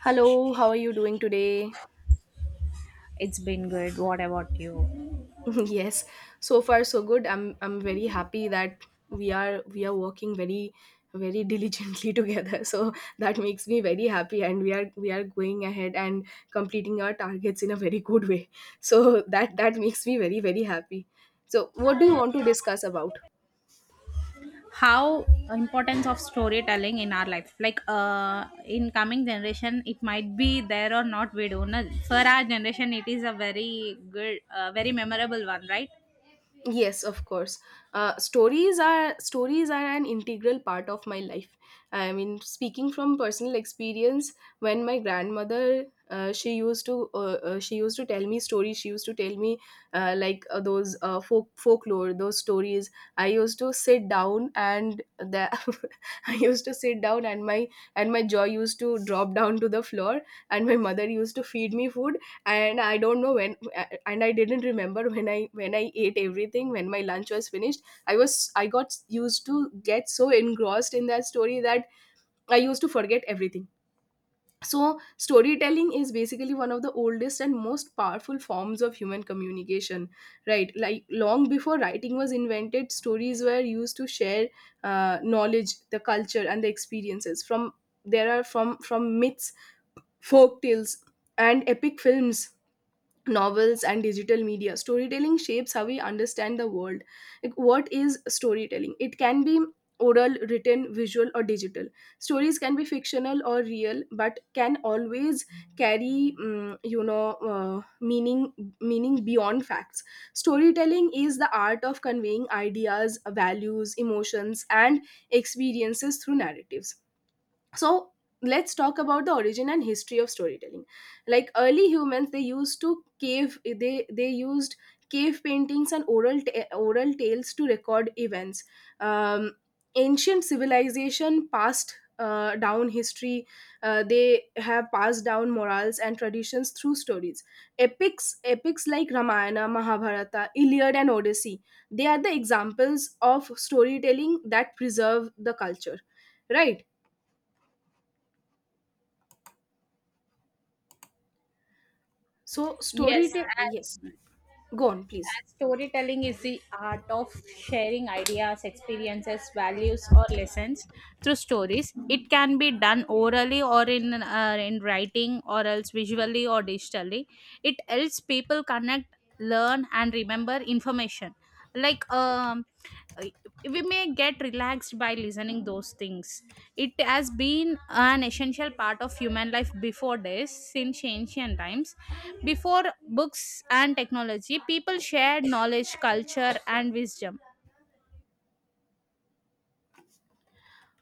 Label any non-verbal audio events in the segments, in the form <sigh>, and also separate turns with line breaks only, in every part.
Hello, how are you doing today?
It's been good. What about you?
<laughs> Yes, so far so good. I'm very happy that we are working very diligently <laughs> together. So that makes me very happy, and we are going ahead and completing our targets in a very good way. So that makes me very very happy. So what do you want to discuss about?
How importance of storytelling in our life? Like in coming generation it might be there or not, we don't know. For our generation it is a very good very memorable one, right?
Yes, of course. Stories are an integral part of my life. I mean, speaking from personal experience, when my grandmother she used to tell me stories. She used to tell me like those folk folklore, those stories. I used to sit down and the <laughs> I used to sit down, and my jaw used to drop down to the floor, and my mother used to feed me food, and I don't know when and I didn't remember when I ate everything, when my lunch was finished. I got used to get so engrossed in that story that I used to forget everything. So storytelling is basically one of the oldest and most powerful forms of human communication, right? Like long before writing was invented, stories were used to share knowledge, the culture, and the experiences. From there are from myths, folk tales, and epic films, novels, and digital media, storytelling shapes how we understand the world. Like, what is storytelling? It can be oral, written, visual, or digital. Stories can be fictional or real, but can always carry meaning beyond facts. Storytelling is the art of conveying ideas, values, emotions, and experiences through narratives. So let's talk about the origin and history of storytelling. Like, early humans, they used to cave they used cave paintings and oral tales to record events. um, Ancient civilization passed down history. They have passed down morals and traditions through stories. Epics like Ramayana, Mahabharata, Iliad, and Odyssey, they are the examples of storytelling that preserve the culture, right? So
Yes,
storytelling, yes, go on, please.
as storytelling is the art of sharing ideas, experiences, values, or lessons through stories. It can be done orally or in writing, or else visually or digitally. It helps people connect, learn, and remember information like uh, we may get relaxed by listening those things. It has been an essential part of human life before this, since ancient times, before books and technology people shared knowledge, culture and wisdom.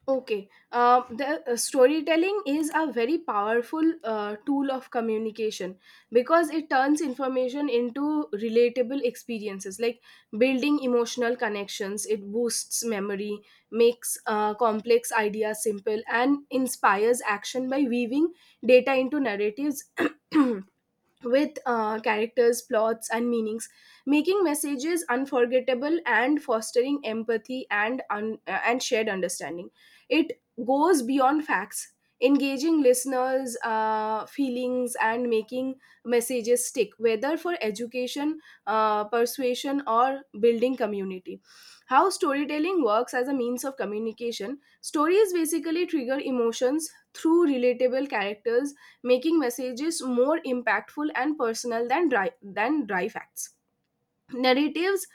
Okay. The Storytelling is a very powerful tool of communication because it turns information into relatable experiences, like building emotional connections. It boosts memory, makes complex ideas simple, and inspires action by weaving data into narratives <clears throat> with characters, plots, and meanings, making messages unforgettable and fostering empathy and and shared understanding. It goes beyond facts, engaging listeners' feelings and making messages stick, whether for education, persuasion, or building community. How storytelling works as a means of communication: stories basically trigger emotions through relatable characters, making messages more impactful and personal than dry facts. Narratives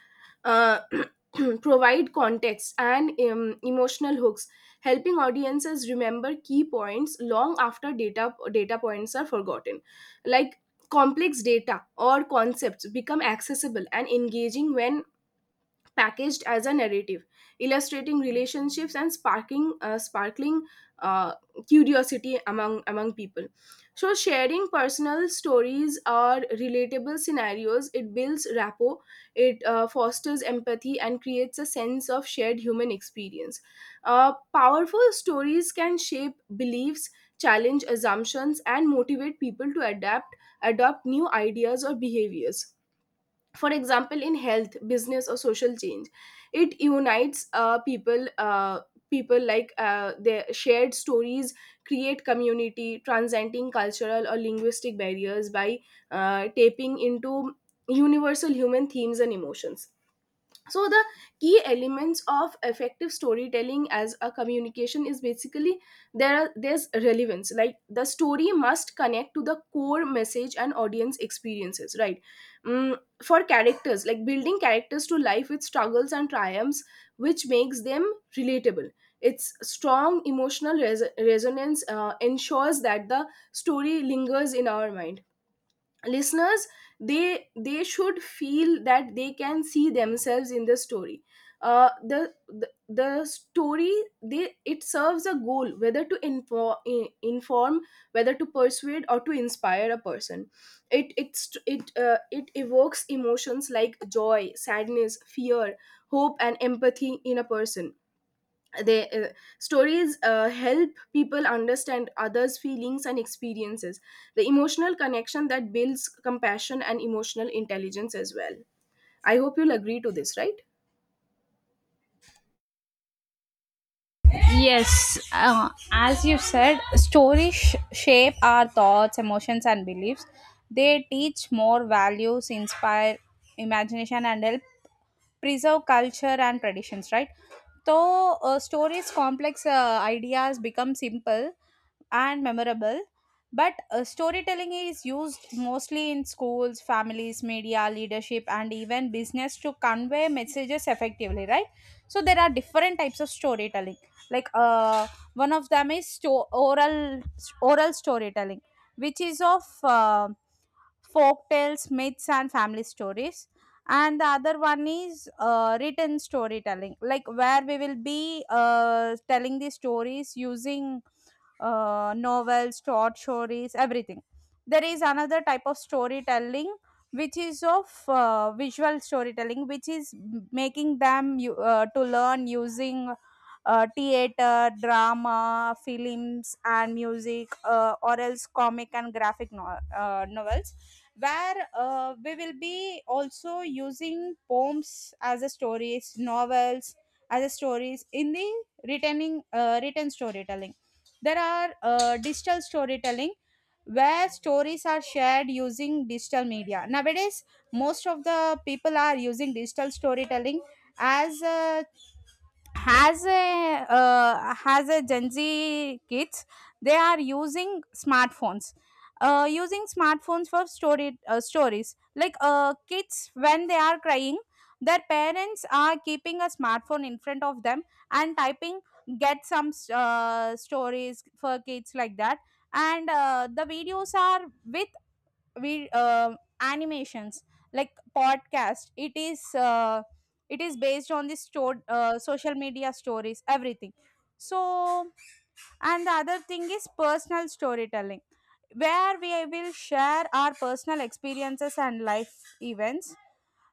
uh, <clears throat> provide context and emotional hooks, helping audiences remember key points long after data points are forgotten. Like, complex data or concepts become accessible and engaging when packaged as a narrative, illustrating relationships and sparking sparkling uh, curiosity among people. So, sharing personal stories or relatable scenarios, it builds rapport, it fosters empathy, and creates a sense of shared human experience. Powerful stories can shape beliefs, challenge assumptions, and motivate people to adapt adopt new ideas or behaviors, for example in health, business, or social change. It unites people. Like, their shared stories create community, transcending cultural or linguistic barriers by tapping into universal human themes and emotions. So the key elements of effective storytelling as a communication is basically, there's relevance, like the story must connect to the core message and audience experiences, right? Mm, for characters, like building characters to life with struggles and triumphs, which makes them relatable. Its strong emotional resonance ensures that the story lingers in our mind. Listeners, they should feel that they can see themselves in the story. The story, they it serves a goal, whether to inform, whether to persuade or to inspire a person. It it's it uh, it evokes emotions like joy, sadness, fear, hope, and empathy in a person. They Stories help people understand others' feelings and experiences. The emotional connection that builds compassion and emotional intelligence as well. I hope you'll agree to this, right?
Yes, as you said, shape our thoughts, emotions, and beliefs. They teach more values, inspire imagination, and help preserve culture and traditions, right? So stories, complex ideas become simple and memorable. But storytelling is used mostly in schools, families, media, leadership, and even business to convey messages effectively, right? So there are different types of storytelling. Like one of them is oral oral storytelling, which is of folk tales, myths, and family stories. And the other one is written storytelling, like where we will be telling the stories using novels, short stories, everything. There is another type of storytelling, which is of visual storytelling, which is making them to learn using theater, drama, films, and music, or else comic and graphic novels, where we will be also using poems as a stories, novels as a stories in the retaining written storytelling. There are digital storytelling where stories are shared using digital media. Nowadays, most of the people are using digital storytelling as a, has a has a gen z kids. They are using smartphones, using smartphones for story stories, like kids when they are crying, their parents are keeping a smartphone in front of them and typing, get some stories for kids like that. And the videos are with, we animations, like podcast, it is based on the stored social media stories, everything. So, and the other thing is personal storytelling, where we will share our personal experiences and life events,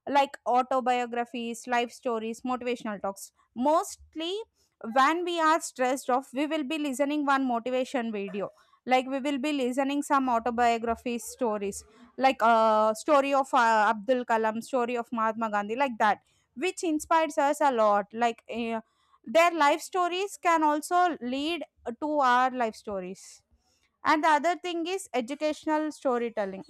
like autobiographies, life stories, motivational talks. Mostly, when we are stressed off, we will be listening one motivation video. Like we will be listening some autobiography stories, like story of Abdul Kalam, story of Mahatma Gandhi, like that, which inspires us a lot. Like their life stories can also lead to our life stories. And the other thing is educational storytelling,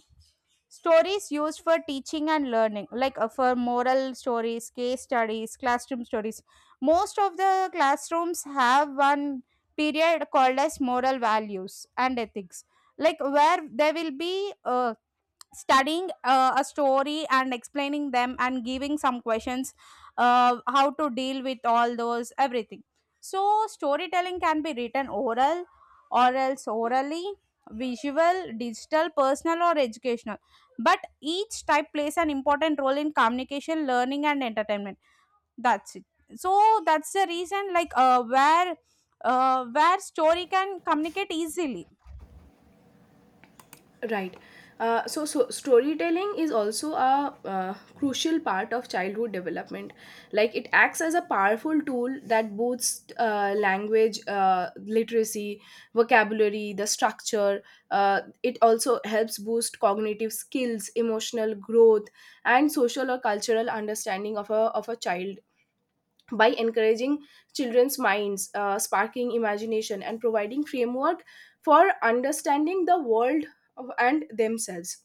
stories used for teaching and learning, like for moral stories, case studies, classroom stories. Most of the classrooms have one period called as moral values and ethics, like where there will be studying a story and explaining them and giving some questions, how to deal with all those, everything. So storytelling can be written, oral or else orally, visual, digital, personal or educational, but each type plays an important role in communication, learning and entertainment. That's it. So that's the reason, like where story can communicate easily.
Right. So storytelling is also a crucial part of childhood development. Like, it acts as a powerful tool that boosts language, literacy, vocabulary, the structure. It also helps boost cognitive skills, emotional growth, and social or cultural understanding of a child, by encouraging children's minds, sparking imagination, and providing framework for understanding the world and themselves.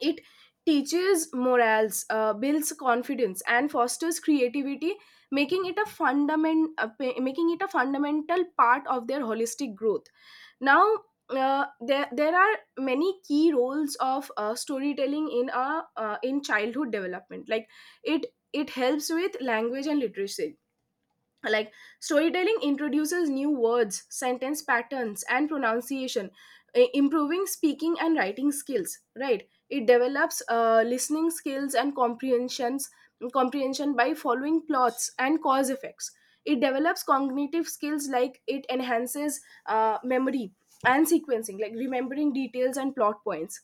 It teaches morals, builds confidence, and fosters creativity, making it a making it a fundamental part of their holistic growth. Now, there are many key roles of storytelling in a in childhood development. Like, it it helps with language and literacy. Like, storytelling introduces new words, sentence patterns, and pronunciation, improving speaking and writing skills, right? It develops listening skills and comprehension by following plots and cause effects. It develops cognitive skills, like it enhances memory and sequencing, like remembering details and plot points.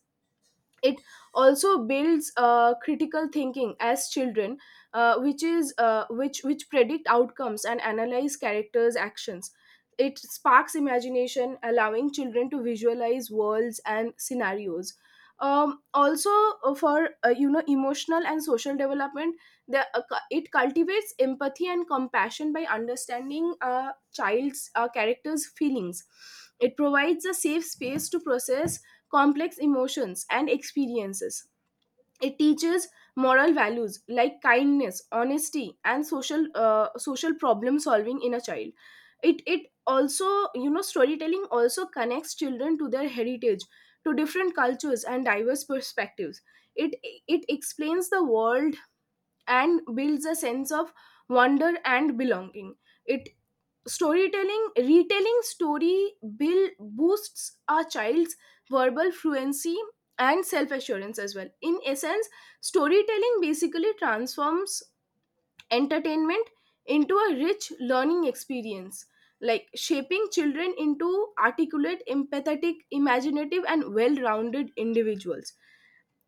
It also builds critical thinking, as children which is which predict outcomes and analyze characters' actions. It sparks imagination, allowing children to visualize worlds and scenarios. Um, also, for you know, emotional and social development. It cultivates empathy and compassion by understanding a child's character's feelings. It provides a safe space to process complex emotions and experiences. It teaches moral values like kindness, honesty, and social social problem solving in a child. It also, you know, storytelling also connects children to their heritage, to different cultures and diverse perspectives. It it explains the world and builds a sense of wonder and belonging. It Storytelling, retelling story, build boosts our child's verbal fluency and self assurance as well. In essence, storytelling basically transforms entertainment into a rich learning experience, like shaping children into articulate, empathetic, imaginative, and well rounded individuals.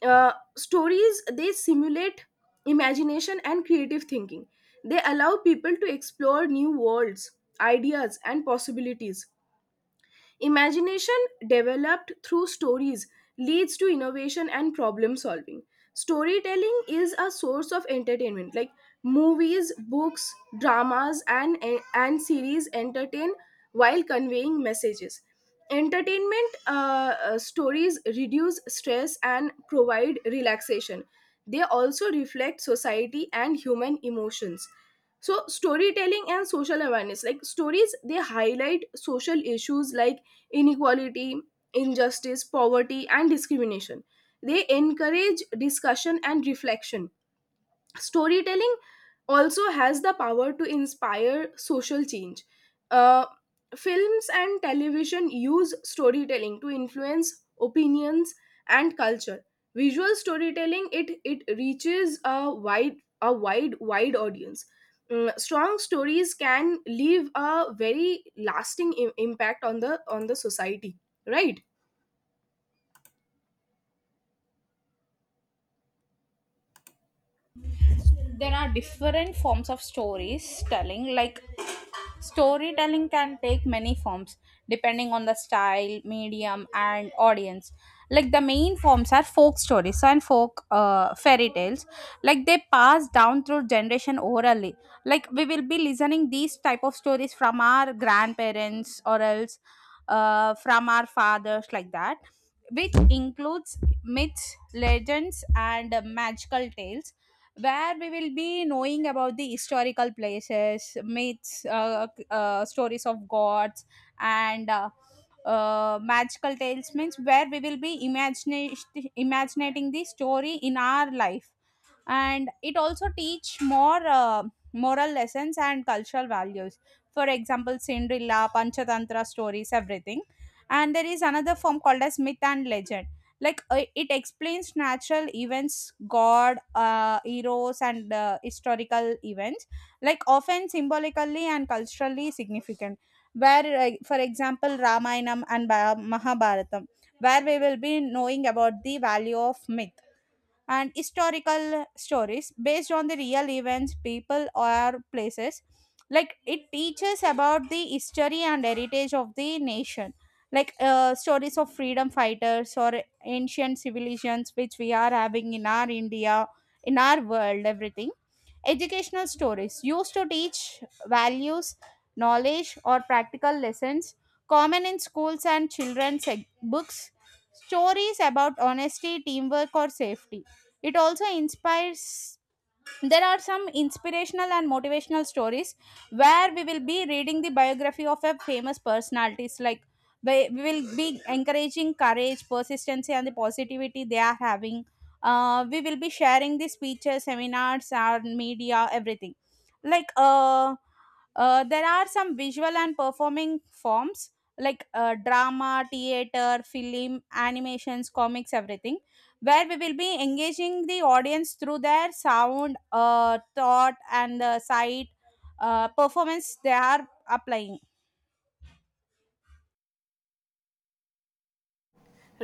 Stories, they simulate imagination and creative thinking. They allow people to explore new worlds, ideas, and possibilities. Imagination developed through stories leads to innovation and problem solving. Storytelling is a source of entertainment. Like, movies, books, dramas, and series entertain while conveying messages. Entertainment, stories reduce stress and provide relaxation. They also reflect society and human emotions. So storytelling and social awareness, like stories, they highlight social issues like inequality, injustice, poverty, and discrimination. They encourage discussion and reflection. Storytelling also has the power to inspire social change. Uh, films and television use storytelling to influence opinions and culture. Visual storytelling, it reaches a wide wide audience. Mm, strong stories can leave a very lasting impact on the society, right?
There are different forms of stories telling, like storytelling can take many forms depending on the style, medium and audience. Like the main forms are folk stories and folk fairy tales, like they pass down through generation orally. Like we will be listening these type of stories from our grandparents or else from our fathers, like that, which includes myths, legends and magical tales, where we will be knowing about the historical places, myths, stories of gods, and magical tales means where we will be imagining imagining the story in our life, and it also teach more moral lessons and cultural values. For example, Cinderella, Panchatantra stories, everything. And there is another form called as myth and legend. Like it explains natural events, god, heroes and historical events, like often symbolically and culturally significant, where for example ramayanam and mahabharatam, where we will be knowing about the value of myth and historical stories based on the real events, people, or places. Like it teaches about the history and heritage of the nation, like stories of freedom fighters or ancient civilizations which we are having in our India, in our world, everything. Educational stories used to teach values, knowledge, or practical lessons, common in schools and children's books. Stories about honesty, teamwork, or safety. It also inspires. There are some inspirational and motivational stories where we will be reading the biography of a famous personalities, like we will be encouraging courage, persistency and the positivity they are having. We will be sharing the speeches, seminars, our media, everything. Like there are some visual and performing forms, like drama, theater, film, animations, comics, everything, where we will be engaging the audience through their sound, thought, and the sight, performance they are applying.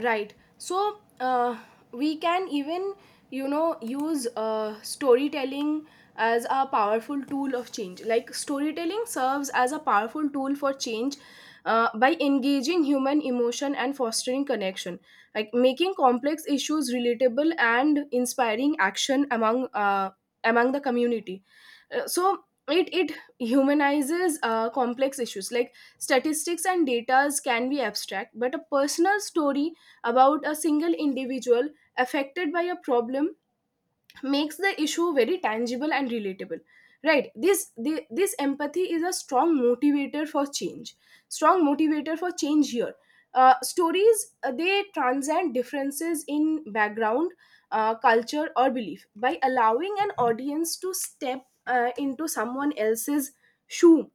Right. So we can even, you know, use storytelling as a powerful tool of change. Like, storytelling serves as a powerful tool for change, by engaging human emotion and fostering connection, like making complex issues relatable and inspiring action among the community. So it humanizes complex issues, like statistics and datas can be abstract, but a personal story about a single individual affected by a problem makes the issue very tangible and relatable, right? This empathy is a strong motivator for change here. Stories, they transcend differences in background, culture, or belief. By allowing an audience to step into someone else's shoe,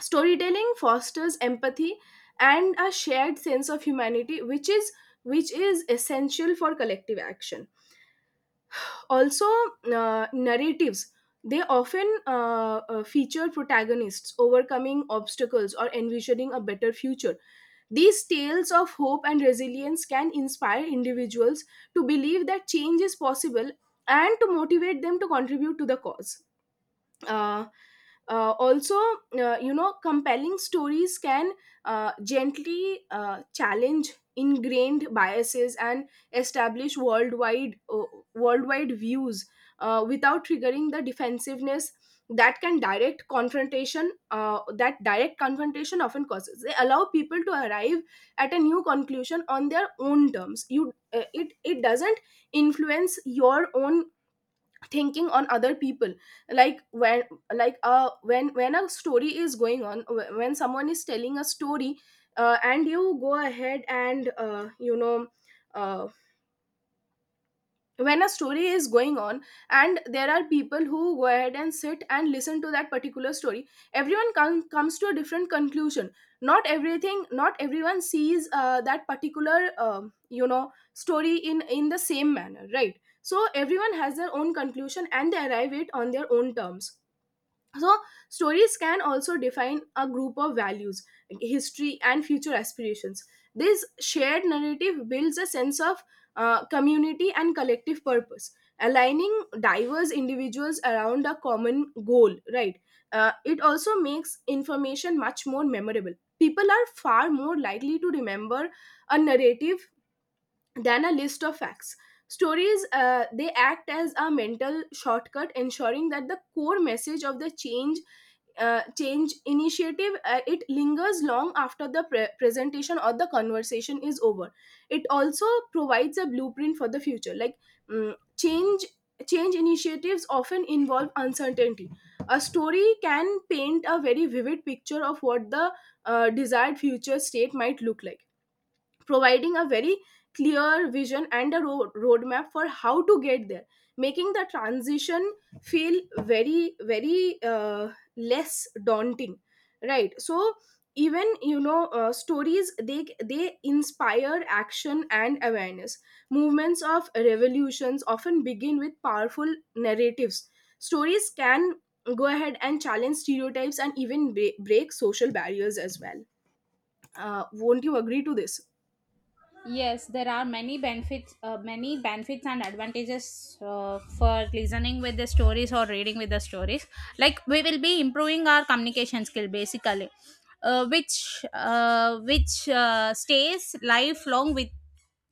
storytelling fosters empathy and a shared sense of humanity, which is essential for collective action. Also, narratives, they often feature protagonists overcoming obstacles or envisioning a better future. These tales of hope and resilience can inspire individuals to believe that change is possible and to motivate them to contribute to the cause. Uh, also You know, compelling stories can gently challenge ingrained biases and establish worldwide views, without triggering the defensiveness that can direct confrontation that direct confrontation often causes. They allow people to arrive at a new conclusion on their own terms. You It it doesn't influence your own thinking on other people. like when when a story is going on, when someone is telling a story, and you go ahead and you know uh, when a story is going on and there are people who go ahead and sit and listen to that particular story, everyone comes to a different conclusion. Not everyone sees that particular, you know, story in the same manner, right? So everyone has their own conclusion and they arrive it on their own terms. So stories can also define a group of values, like history and future aspirations. This shared narrative builds a sense of community and collective purpose, aligning diverse individuals around a common goal, right? It also makes information much more memorable. People are far more likely to remember a narrative than a list of facts. Stories they act as a mental shortcut, ensuring that the core message of the change initiative it lingers long after the presentation or the conversation is over. It also provides a blueprint for the future. Like mm, change change initiatives often involve uncertainty. A story can paint a very vivid picture of what the desired future state might look like, providing a very clear vision and a roadmap for how to get there, making the transition feel very very less daunting, right? So, even stories, they inspire action and awareness. Movements of revolutions often begin with powerful narratives. Stories can go ahead and challenge stereotypes and even break social barriers as well. Won't you agree to this?
Yes, there are many benefits and advantages for listening with the stories or reading with the stories. Like we will be improving our communication skill basically, which stays lifelong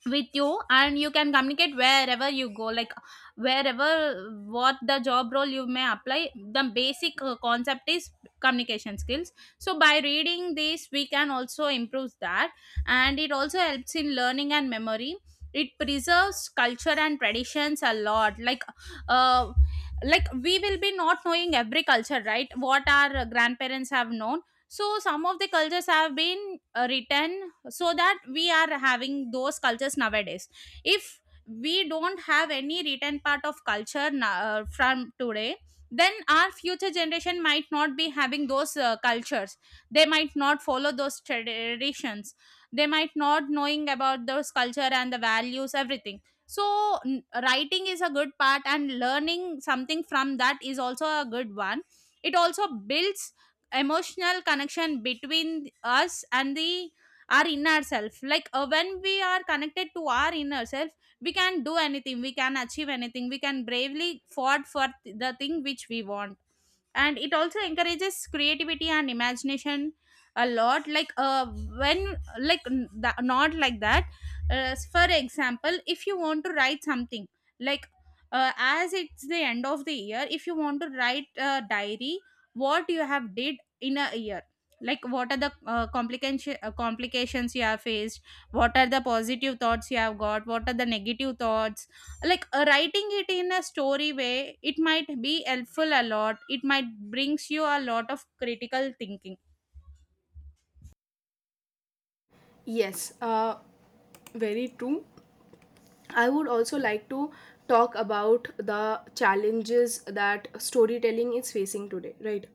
with you, and you can communicate wherever you go, like wherever what the job role you may apply, the basic concept is communication skills. So by reading this we can also improve that. And it also helps in learning and memory. It preserves culture and traditions a lot, uh like we will be not knowing every culture, right, what our grandparents have known. So some of the cultures have been written, so that we are having those cultures nowadays. If we don't have any written part of culture from today, then our future generation might not be having those cultures, they might not follow those traditions, they might not knowing about those culture and the values, everything. So writing is a good part, and learning something from that is also a good one. It also builds emotional connection between us and the, our inner self. Like when we are connected to our inner self, we can do anything, we can achieve anything, we can bravely fought for the thing which we want. And it also encourages creativity and imagination a lot, like when, like not like that. Uh, for example, if you want to write something, like as it's the end of the year, if you want to write a diary, what you have did in a year, like what are the complications you have faced, what are the positive thoughts you have got, what are the negative thoughts, like writing it in a story way, it might be helpful a lot, it might brings you a lot of critical thinking.
Yes, very true. I would also like to talk about the challenges that storytelling is facing today, right?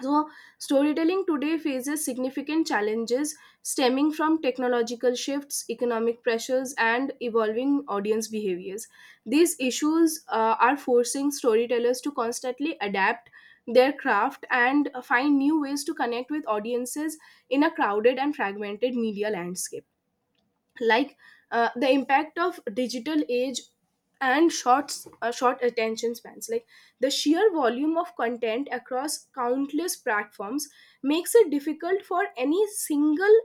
So, storytelling today faces significant challenges stemming from technological shifts, economic pressures, and evolving audience behaviors. These issues are forcing storytellers to constantly adapt their craft and find new ways to connect with audiences in a crowded and fragmented media landscape. Like, the impact of digital age and short attention spans. Like the sheer volume of content across countless platforms makes it difficult for any single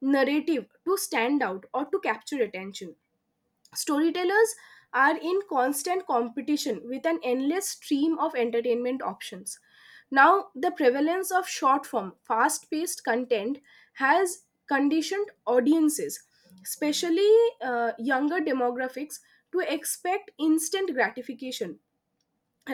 narrative to stand out or to capture attention. Storytellers are in constant competition with an endless stream of entertainment options. Now, the prevalence of short form, fast paced content has conditioned audiences, especially younger demographics, to expect instant gratification,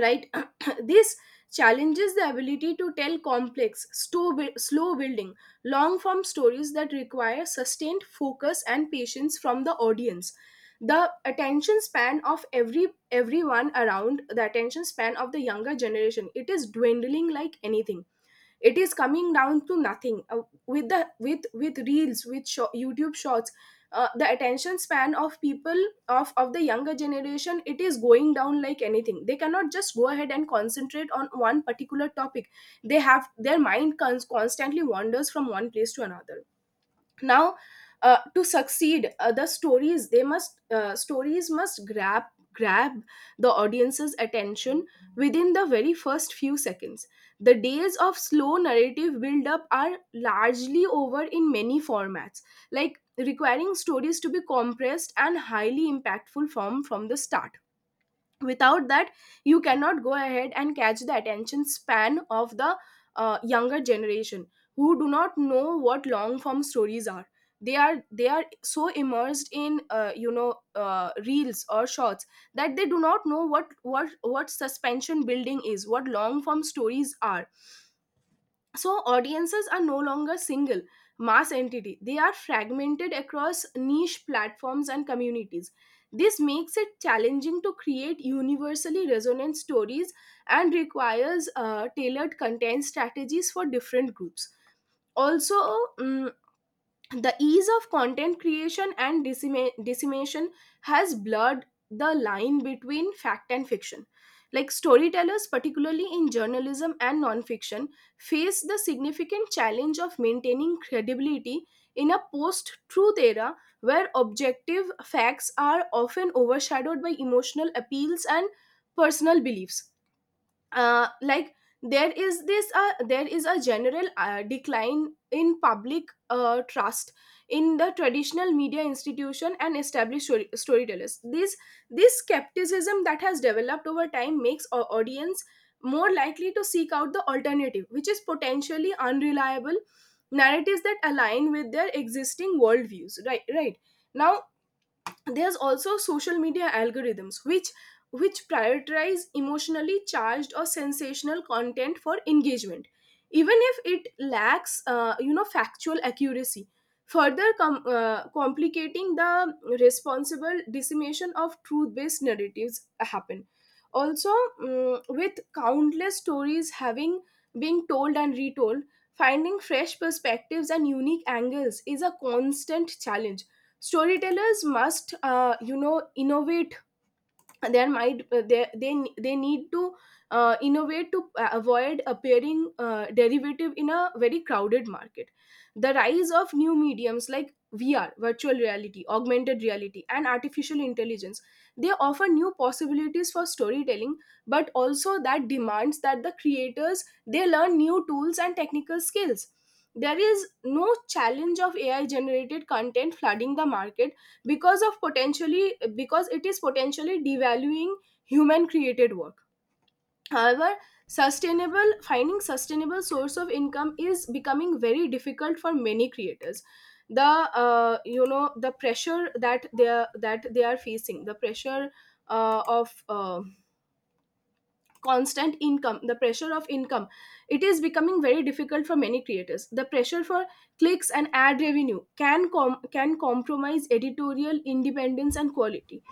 right? <clears throat> This challenges the ability to tell slow building long form stories that require sustained focus and patience from the audience. The attention span of everyone around, the attention span of the younger generation, it is dwindling like anything. It is coming down to nothing. With the with reels, with youtube shorts, the attention span of people, of the younger generation, it is going down like anything. They cannot just go ahead and concentrate on one particular topic. They have their mind constantly wanders from one place to another. Now, to succeed, the stories they must stories must grab the audience's attention within the very first few seconds. The days of slow narrative build up are largely over in many formats, like requiring stories to be compressed and highly impactful from the start. Without that, you cannot go ahead and catch the attention span of the younger generation, who do not know what long form stories are. They are so immersed in reels or shorts that they do not know what suspension building is, what long form stories are. So audiences are no longer single mass entity. They are fragmented across niche platforms and communities. This makes it challenging to create universally resonant stories and requires tailored content strategies for different groups. Also, mm, the ease of content creation and dissemination has blurred the line between fact and fiction. Like storytellers, particularly in journalism and nonfiction, face the significant challenge of maintaining credibility in a post-truth era, where objective facts are often overshadowed by emotional appeals and personal beliefs. Like, there is a general decline in public trust in the traditional media institution and established storytellers. This skepticism that has developed over time makes our audience more likely to seek out the alternative, which is potentially unreliable narratives that align with their existing worldviews, right? Right. Now, there's also social media algorithms which prioritize emotionally charged or sensational content for engagement, even if it lacks factual accuracy, further complicating the responsible dissemination of truth-based narratives happen. Also, with countless stories having been told and retold, finding fresh perspectives and unique angles is a constant challenge. Storytellers must innovate. Their might, they need to innovate to avoid appearing derivative in a very crowded market. The rise of new mediums like VR, virtual reality, augmented reality, and artificial intelligence, they offer new possibilities for storytelling, but also that demands that the creators they learn new tools and technical skills. There is no challenge of AI generated content flooding the market, because of potentially, because it is potentially devaluing human created work. However, sustainable finding sustainable source of income is becoming very difficult for many creators. The the pressure that they are facing, the pressure of constant income, the pressure of income, it is becoming very difficult for many creators. The pressure for clicks and ad revenue can can compromise editorial independence and quality,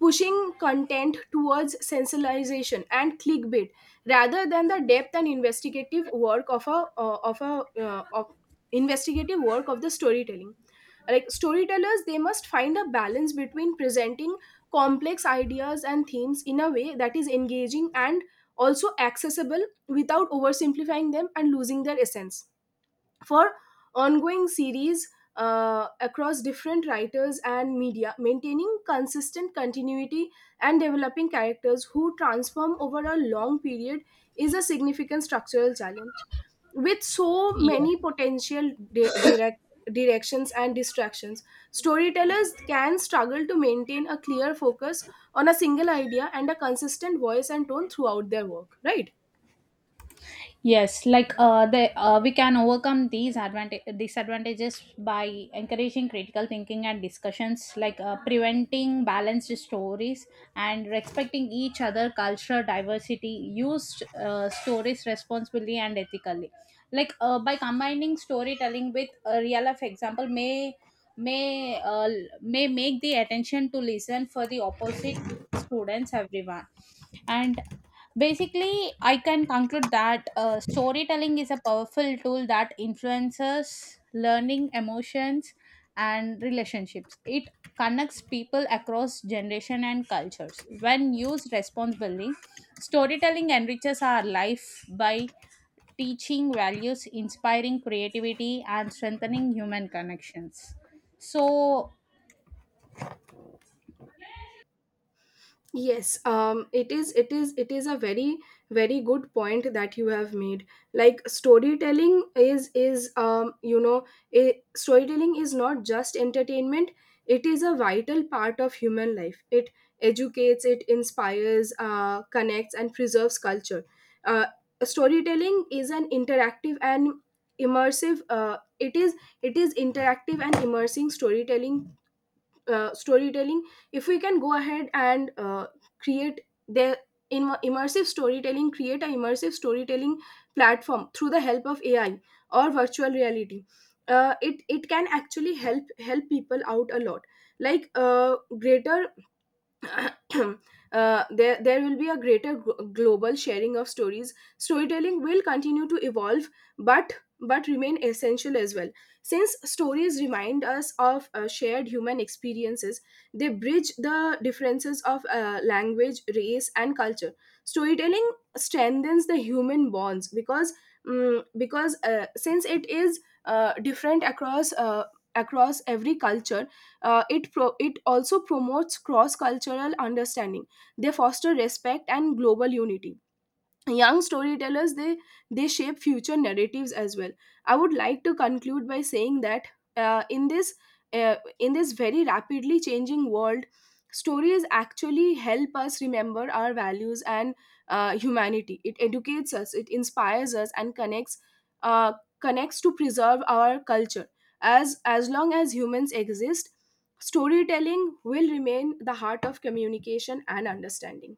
pushing content towards sensationalization and clickbait, rather than the depth and investigative work of a of a of investigative work of the storytelling. Like storytellers, they must find a balance between presenting complex ideas and themes in a way that is engaging and also accessible without oversimplifying them and losing their essence. For ongoing series, across different writers and media, maintaining consistent continuity and developing characters who transform over a long period is a significant structural challenge. With so
Yeah.
many potential directions and distractions, storytellers can struggle to maintain a clear focus on a single idea and a consistent voice and tone throughout their work, right?
Yes, like the we can overcome these advantage disadvantages by encouraging critical thinking and discussions, like preventing balanced stories and respecting each other cultural diversity. Use stories responsibly and ethically, like by combining storytelling with a real life example may may make the attention to listen for the opposite, students, everyone. And basically I can conclude that storytelling is a powerful tool that influences learning, emotions and relationships. It connects people across generation and cultures. When used responsibly, storytelling enriches our life by teaching values, inspiring creativity and strengthening human connections. So
Yes, it is a very good point that you have made. Like storytelling is not just entertainment. It is a vital part of human life. It educates, it inspires, connects, and preserves culture. Uh, Storytelling is an interactive and immersive. It is interactive and immersing storytelling. uh, storytelling if we can go ahead and create their in immersive storytelling, create an immersive storytelling platform through the help of AI or virtual reality, it it can actually help people out a lot. Like greater <coughs> <clears throat> there will be a greater global sharing of stories. Storytelling will continue to evolve, but remain essential as well, since stories remind us of shared human experiences. They bridge the differences of language, race, and culture. Storytelling strengthens the human bonds, because since it is different across across every culture, it also promotes cross cultural understanding. They foster respect and global unity. Young storytellers, they shape future narratives as well. I would like to conclude by saying that, uh, in this in this very rapidly changing world, stories actually help us remember our values and humanity. It educates us, it inspires us, and connects, uh, connects to preserve our culture. As long as humans exist, storytelling will remain the heart of communication and understanding.